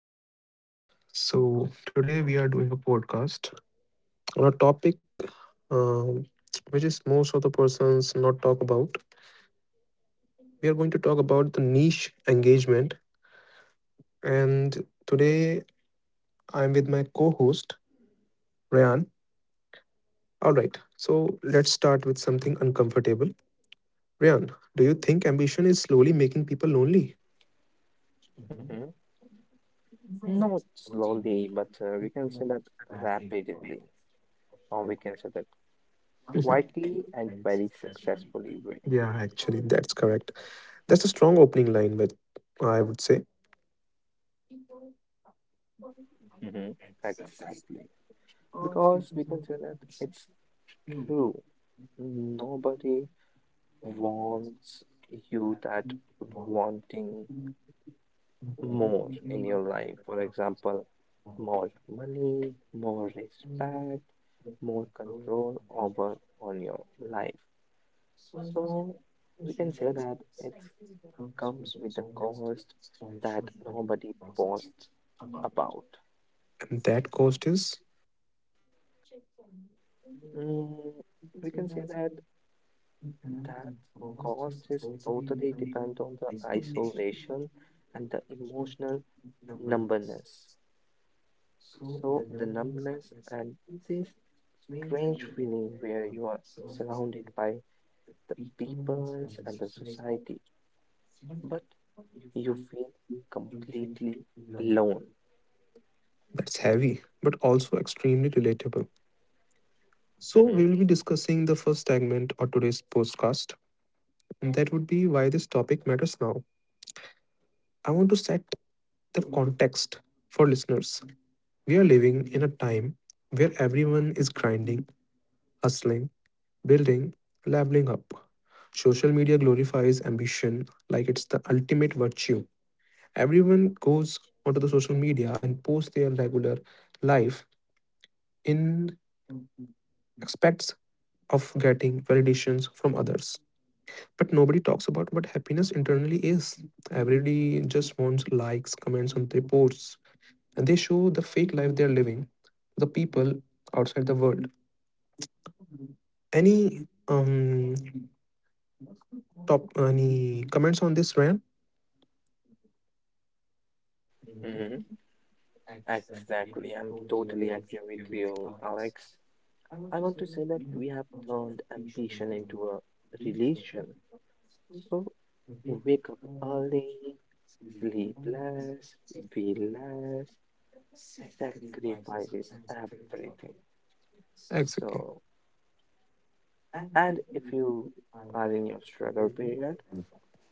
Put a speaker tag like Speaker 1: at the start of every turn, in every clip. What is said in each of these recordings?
Speaker 1: Hello, guys. So, today we are doing a podcast on a topic um, which is most of the persons not talk about. We are going to talk about the niche engagement. And today I'm with my co host, Rayan. All right. So, let's start with something uncomfortable. Rayan, do you think ambition is slowly making people lonely?
Speaker 2: hmm Not slowly, but we can say that rapidly, or we can say that quietly and very successfully way.
Speaker 1: Yeah, actually, that's correct. That's a strong opening line, but I would say.
Speaker 2: hmm Exactly. Because we can say that it's true. Nobody wants you that wanting more in your life. For example, more money, more respect, more control over on your life. So we can say that it's comes with a cost that nobody boasts about.
Speaker 1: And that cost is
Speaker 2: Mm, we can say that that cost is totally depend on the isolation and the emotional numbness. So the numbness and this strange feeling where you are surrounded by the people and the society, but you feel completely alone.
Speaker 1: That's heavy, but also extremely relatable. So, we
Speaker 2: Mhm.
Speaker 1: will be discussing the first segment of today's podcast, and that would be why this topic matters now. I want to set the context for listeners. We are living in a time where everyone is grinding, hustling, building, leveling up. Social media glorifies ambition like it's the ultimate virtue. Everyone goes onto the social media and posts their regular life in expects of getting validations from others. But nobody talks about what happiness internally is. Everybody just wants likes, comments on their posts, and they show the fake life they're living to the people outside the world. Any um any comments on this, Ryan?
Speaker 2: Mhm. Exactly. I'm totally agree with you, Alex. I want to say that we have turned ambition into a religion. So you wake up early, sleep less, feel less, sacrifices everything.
Speaker 1: Exactly.
Speaker 2: So, and if you are in your struggle period,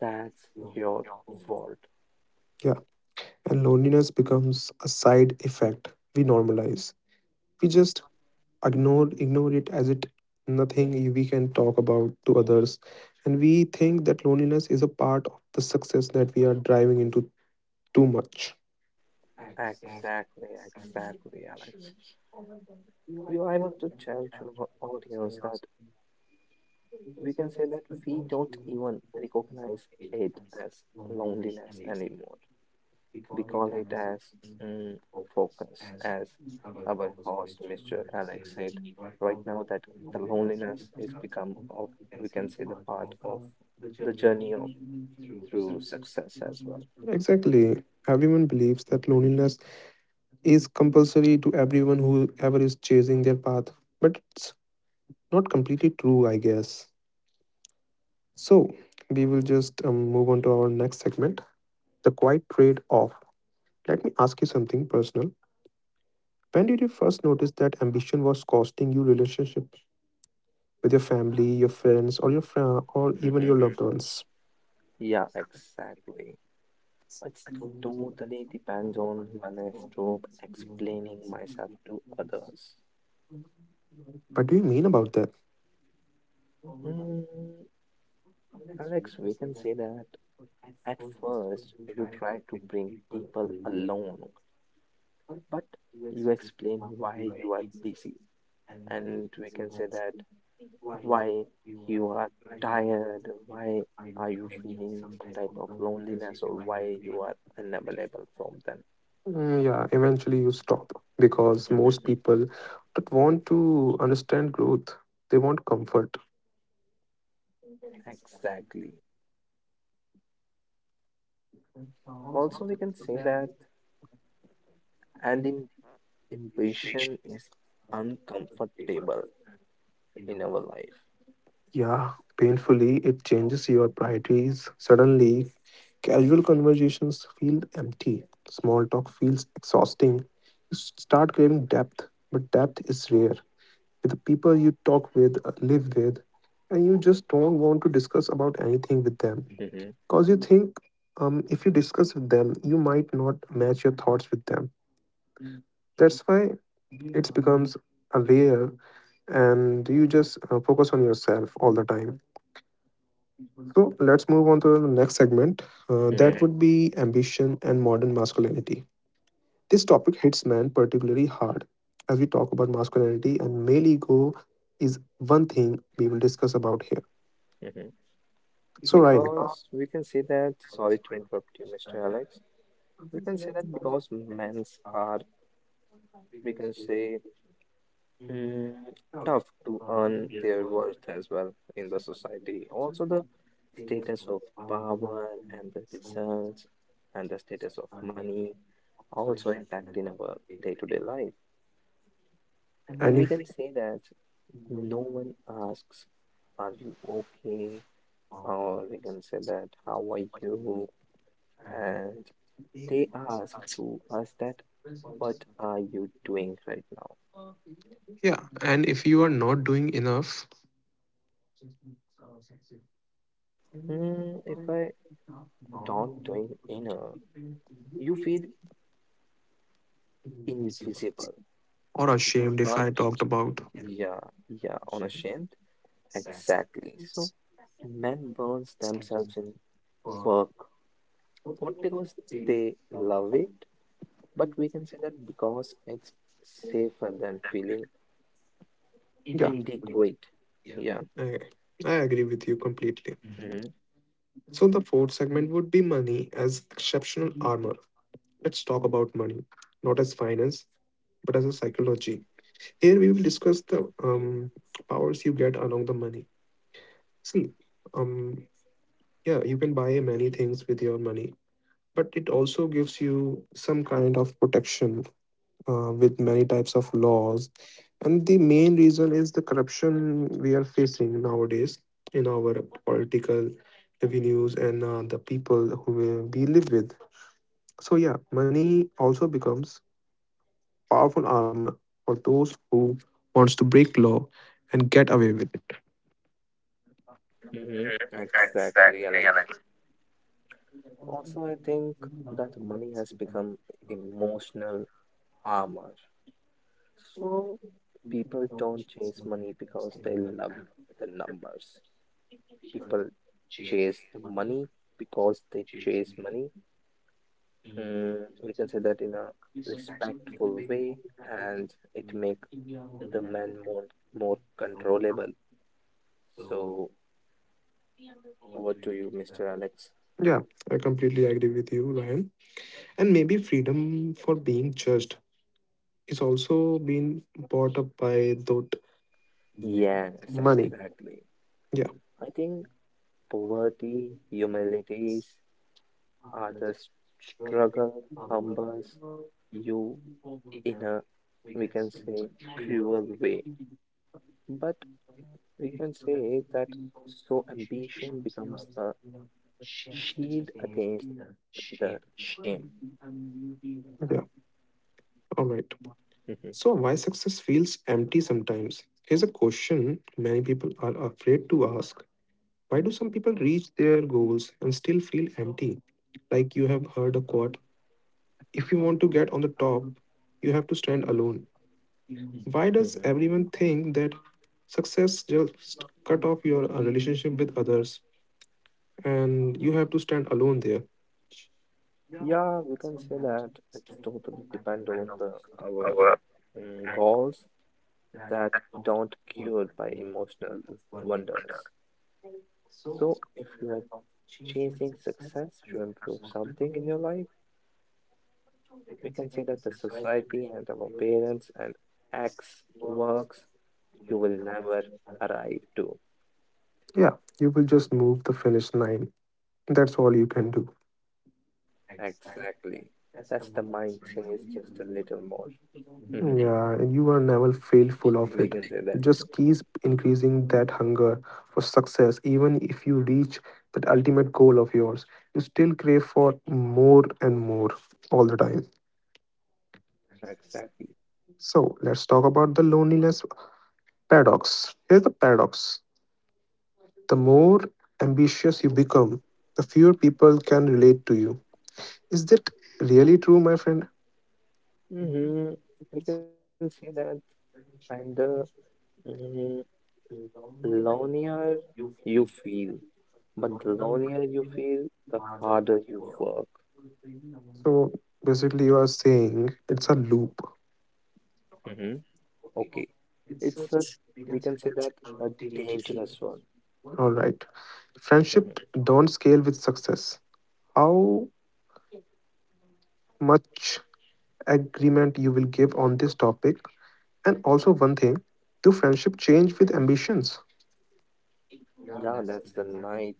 Speaker 2: that's your fault.
Speaker 1: Yeah. And loneliness becomes a side effect we normalize. We just ignore it as it nothing we can talk about to others, and we think that loneliness is a part of the success that we are driving into too much.
Speaker 2: Exactly, exactly, Alex. I want to tell to our audience that we can say that we don't even recognize it as loneliness anymore. We call it as mm, focus, as our host, Mr. Alex, said right now that the loneliness is become of we can say the part of the journey of through success as well.
Speaker 1: Exactly. Everyone believes that
Speaker 2: Mm-hmm.
Speaker 1: loneliness is compulsory to everyone who ever is chasing their path, but it's not completely true, I guess. So we will just move on to our next segment, the quiet trade off. Let me ask you something personal. When did you first notice that ambition was costing you relationships with your family, your friends, or your or even your
Speaker 2: Mm-hmm.
Speaker 1: loved ones?
Speaker 2: Yeah, exactly. It's totally depends on when I stop explaining myself to others.
Speaker 1: What do you mean about that?
Speaker 2: Mm, Alex, we can say that at first, you try to bring people along, but you explain why you are busy, and we can say that why you are tired, why are you feeling some type of loneliness, or why you are unavailable from them.
Speaker 1: Mm, yeah, eventually you stop because most people don't want to understand growth. They want comfort.
Speaker 2: Exactly. Also, we can say that, and in ambition is uncomfortable in our life.
Speaker 1: Yeah, painfully it changes your priorities. Suddenly, casual conversations feel empty. Small talk feels exhausting. You start craving depth, but depth is rare. With the people you talk with, live with, and you just don't want to discuss about anything with them
Speaker 2: hmm
Speaker 1: because you think, if you discuss with them, you might not match your thoughts with them. That's why it becomes a layer and you just focus on yourself all the time. So let's move on to the next segment. That
Speaker 2: hmm
Speaker 1: would be ambition and modern masculinity. This topic hits men particularly hard. As we talk about masculinity and male ego, is one thing we will discuss about here.
Speaker 2: hmm
Speaker 1: So Ryan,
Speaker 2: Because we can say that, sorry to interrupt you, Mr. Alex. We can say that because men's are, we can say, mm, tough to earn their worth as well in the society. Also, the status of power and the results and the status of money also impact in our day-to-day life. And
Speaker 1: and
Speaker 2: we
Speaker 1: if
Speaker 2: can say that no one asks, are you okay? Or we can say that, how are you? And they ask to us that what are you doing right now?
Speaker 1: Yeah, and if you are not doing enough
Speaker 2: If I don't doing inner, you feel invisible.
Speaker 1: or
Speaker 2: You
Speaker 1: ashamed if I
Speaker 2: can't.
Speaker 1: talked about.
Speaker 2: Yeah, yeah, unashamed. Exactly. So men burns themselves in work, not because they love it, but we can say that because it's safer than feeling
Speaker 1: Yeah,
Speaker 2: inadequate. Yeah.
Speaker 1: I, I agree with you completely.
Speaker 2: Mm-hmm.
Speaker 1: So the fourth segment would be money as exceptional armor. Let's talk about money, not as finance, but as a psychology. Here we will discuss the powers you get along the money. See, um, yeah, you can buy many things with your money, but it also gives you some kind of protection with many types of laws, and the main reason is the corruption we are facing nowadays in our political revenues and the people who we live with. So yeah, money also becomes powerful armor for those who wants to break law and get away with it.
Speaker 2: Mm-hmm. Exactly,
Speaker 1: Exactly,
Speaker 2: Alex.
Speaker 1: Alex.
Speaker 2: Also, I think that money has become emotional armor. So people don't chase money because they love the numbers. People chase the money because they chase money. We can say that in a respectful way, and it make the man more controllable. So over to you, Mr. Alex.
Speaker 1: Yeah, I completely agree with you, Ryan. And maybe freedom for being judged is also being brought up by that.
Speaker 2: Yes, exactly.
Speaker 1: Yeah.
Speaker 2: I think poverty, humility, others struggle humbles you in a, we can say, cruel way. But we can say that so ambition becomes a shield
Speaker 1: Yeah.
Speaker 2: against the shame.
Speaker 1: All right.
Speaker 2: Mhm.
Speaker 1: So, why success feels empty sometimes? Here's a question many people are afraid to ask. Why do some people reach their goals and still feel empty? Like you have heard a quote, if you want to get on the top, you have to stand alone. Why
Speaker 2: Mhm.
Speaker 1: does everyone think that success just cut off your relationship with others and you have to stand alone there?
Speaker 2: Yeah, we can say that it's totally depend on the our goals that don't cured by emotional wonders. So if you are chasing success to improve something in your life, we can say that the society and our parents and X works you will never arrive to.
Speaker 1: Yeah, you will just move the finish line. That's all you can do.
Speaker 2: Exactly. That's the mind change just a little more. We
Speaker 1: Yeah, and you are never feel full of it.
Speaker 2: can say that.
Speaker 1: You just keep increasing that hunger for success. Even if you reach that ultimate goal of yours, you still crave for more and more all the time.
Speaker 2: Exactly.
Speaker 1: So let's talk about the loneliness paradox. Here's the paradox. The more ambitious you become, the fewer people can relate to you. Is that really true, my friend?
Speaker 2: hmm We can say that and the mm, lonelier you feel, but the lonelier you feel, the harder you work.
Speaker 1: So basically, you are saying it's a loop.
Speaker 2: hmm Okay. It's a, we can say that a dangerous one.
Speaker 1: All right. Friendship don't scale with success. How much agreement you will give on this topic? And also one thing, do friendship change with ambitions?
Speaker 2: Yeah, that's the nice,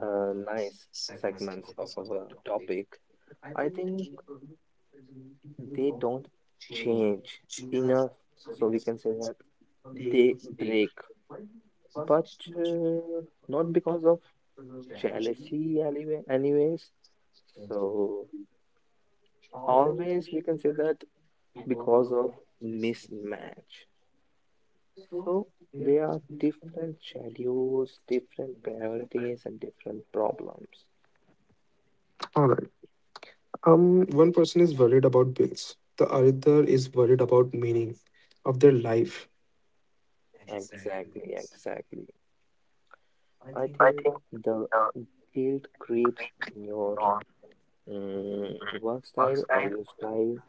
Speaker 2: nice segments of our topic. I think they don't change enough, so we can say that they break, but uh, not because of jealousy, anyway, anyways. So always we can say that because of mismatch. So there are different schedules, different priorities, and different problems.
Speaker 1: All right. One person is worried about bills. The other is worried about meaning of their life.
Speaker 2: Exactly, exactly. I think the guilt creeps in your work style or your style,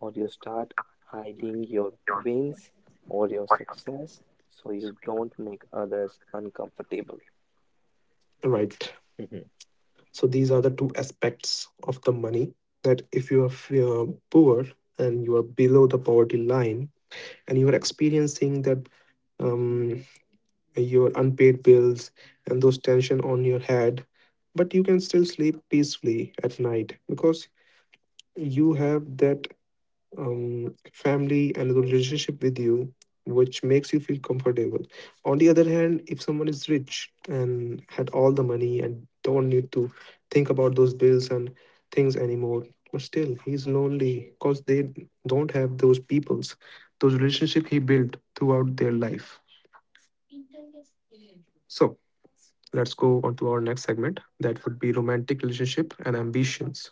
Speaker 2: or you start hiding your wins or your success so you don't make others uncomfortable.
Speaker 1: Right.
Speaker 2: Mhm.
Speaker 1: So these are the two aspects of the money, that if you are poor and you are below the poverty line and you are experiencing that, um, your unpaid bills and those tension on your head, but you can still sleep peacefully at night because you have that family and the relationship with you which makes you feel comfortable. On the other hand, if someone is rich and had all the money and don't need to think about those bills and things anymore, but still he's lonely because they don't have those peoples, those relationship he built throughout their life. So let's go on to our next segment. That would be romantic relationship and ambitions.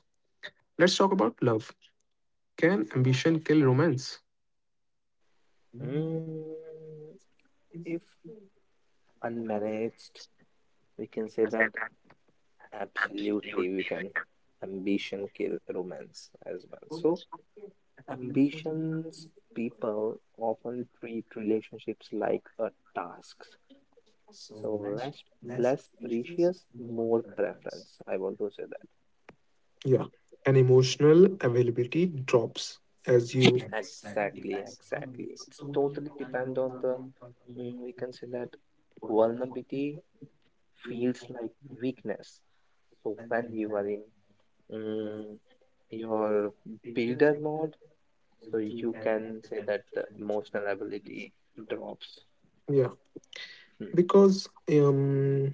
Speaker 1: Let's talk about love. Can ambition kill romance?
Speaker 2: Mm, if unmanaged, we can say that absolutely we can. Ambition kill romance as well. So, ambitions people often treat relationships like a task. So less less precious, more preference. I want to say
Speaker 1: Yeah. And emotional availability drops as you.
Speaker 2: that.
Speaker 1: Exactly.
Speaker 2: Exactly, exactly. It's totally depend on the we can say that vulnerability feels like weakness. So when you are in mm, your builder mode, so you can say that the emotional ability drops.
Speaker 1: Yeah.
Speaker 2: Hmm.
Speaker 1: Because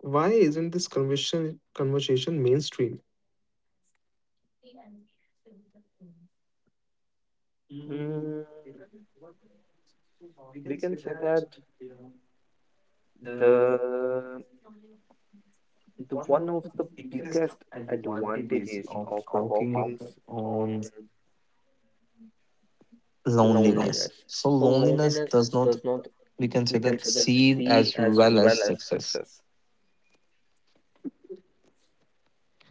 Speaker 1: why isn't this conversation mainstream?
Speaker 2: Mm, we can say that the the one of the biggest advantages of walking on loneliness. So loneliness does not we can say that seal as well as success.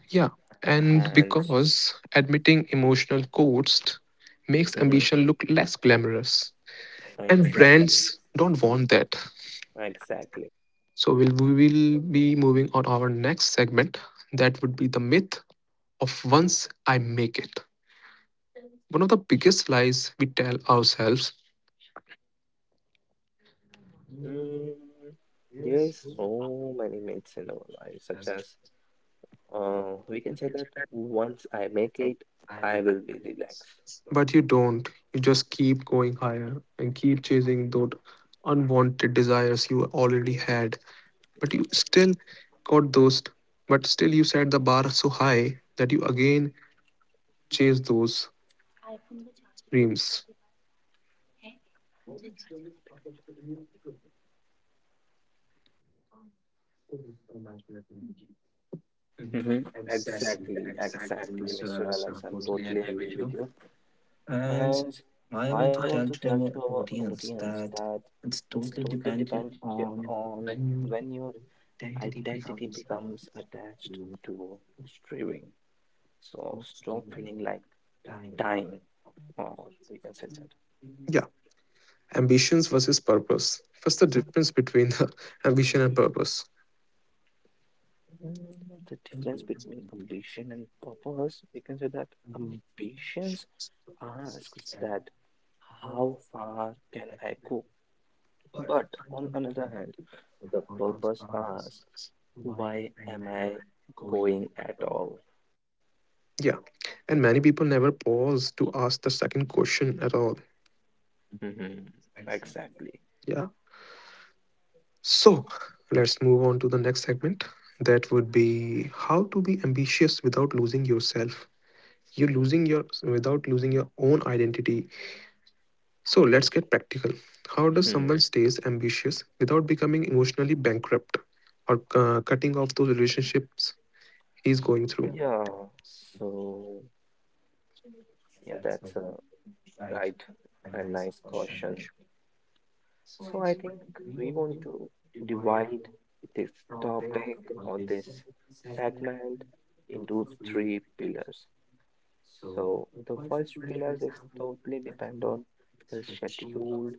Speaker 1: Yeah, and
Speaker 2: And
Speaker 1: because admitting emotional costs makes
Speaker 2: mhm,
Speaker 1: ambition look less glamorous, and
Speaker 2: exactly,
Speaker 1: brands don't want that.
Speaker 2: exactly.
Speaker 1: So we will be moving on our next segment. That would be the myth of once I make it. One of the biggest lies we tell ourselves,
Speaker 2: Mm, there's so many myths in our life, such as we can say that once I make it, I will be relaxed.
Speaker 1: but you don't. You just keep going higher and keep chasing those unwanted desires you already had. But you still got those, but still you set the bar so high that you again chase those dreams.
Speaker 2: Mm-hmm. Exactly, exactly, Mr. Alex. I totally agree with you. And I want to tell to our audience that it's totally depends on when your identity becomes attached to streaming. So stop feeling like time, or we can say that.
Speaker 1: Yeah. Ambitions versus purpose. First, the difference between the ambition and purpose.
Speaker 2: Mm, the difference between ambition and purpose, we can say that ambitions asks that how far can I go? But on another hand, the purpose asks, why am I going at all?
Speaker 1: Yeah. And many people never pause to ask the second question at all.
Speaker 2: hmm Exactly.
Speaker 1: Yeah. So let's move on to the next segment. That would be how to be ambitious without losing yourself. You're losing your without losing your own identity. So let's get practical. How does someone
Speaker 2: hmm
Speaker 1: stays ambitious without becoming emotionally bankrupt or cutting off those relationships he's going through?
Speaker 2: Yeah. So, yeah, that's a right and nice caution. So I think we want to divide this topic or this segment into three pillars. So the first pillar is totally depend on the scheduled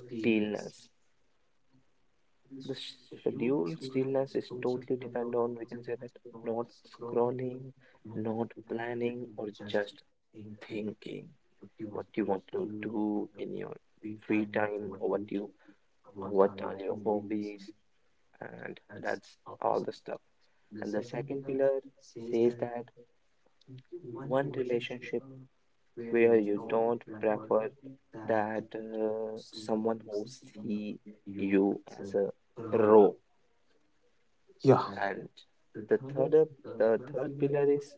Speaker 2: stillness. The schedule stillness is totally depend on, we can say that, not scrolling, not planning, or just thinking what you want to do in your free time or what you or what are your hobbies, and that's all the stuff. And the second pillar says that one relationship where you don't prefer that someone who see you as a raw.
Speaker 1: Yeah.
Speaker 2: And the third, the third pillar is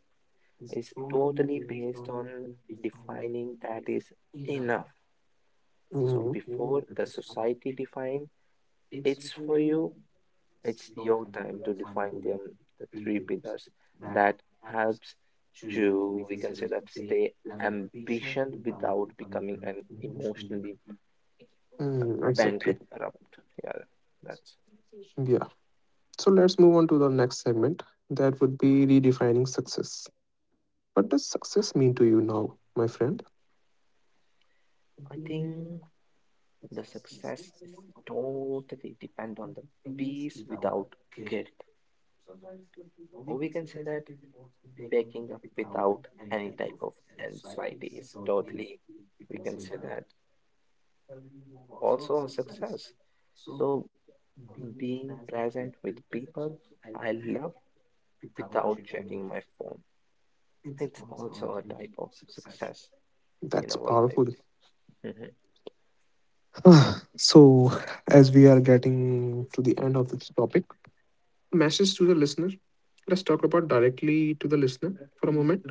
Speaker 2: totally based on defining that is enough. So
Speaker 1: Mm.
Speaker 2: before the society define it's for you, it's your time to define them, the three pillars that helps to we can say that stay ambition without becoming an emotionally
Speaker 1: Mm, exactly.
Speaker 2: bankrupt. Yeah, that's
Speaker 1: Yeah. So let's move on to the next segment. That would be redefining success. What does success mean to you now, my friend?
Speaker 2: I think the success is totally depend on the peace without guilt. Or we can say that waking up without any type of anxiety is totally, we can say that also a success. So being present with people I love without checking my phone. It's also a type of success in
Speaker 1: That's
Speaker 2: our life.
Speaker 1: powerful.
Speaker 2: Mhm.
Speaker 1: Ah, so, as we are getting to the end of this topic, message to the listener. Let's talk about directly to the listener for a moment.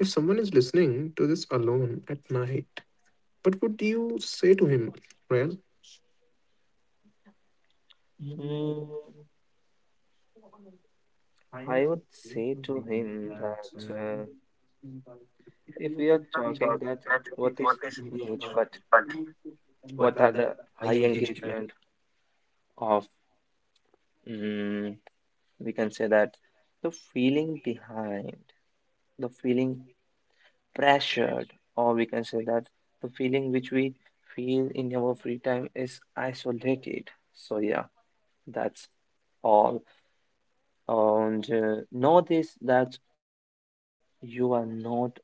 Speaker 1: If someone is listening to this alone at night, what would you say to him, Ryan?
Speaker 2: Mm, I would say to him that. If we are talking that what is huge, but what are the high engagement of, mm, we can say that the feeling behind, the feeling pressured, or we can say that the feeling which we feel in our free time is isolated. So yeah, that's all. And know this that you are not broken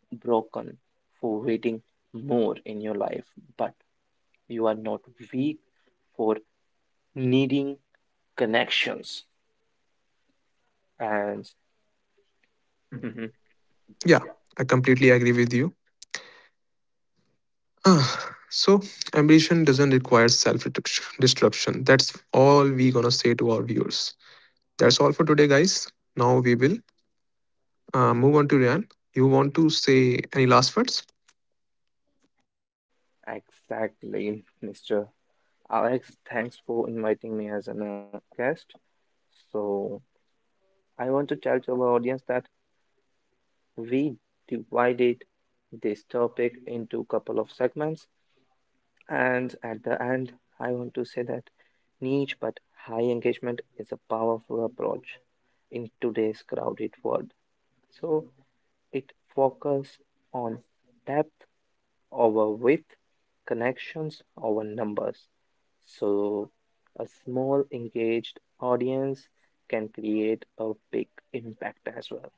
Speaker 2: for waiting more in your life, but you are not weak for needing connections and mhm,
Speaker 1: Yeah, I completely agree with you. Ah, so ambition doesn't require self disruption. That's all we gonna say to our viewers. That's all for today, guys. Now we will move on to Ryan. You want to say any last words?
Speaker 2: exactly, Mr. Alex, thanks for inviting me as an guest. So I want to tell to our audience that we divided this topic into a couple of segments, and at the end I want to say that niche but high engagement is a powerful approach in today's crowded world. So it focuses on depth over with connections over numbers. So, a small engaged audience can create a big impact as well.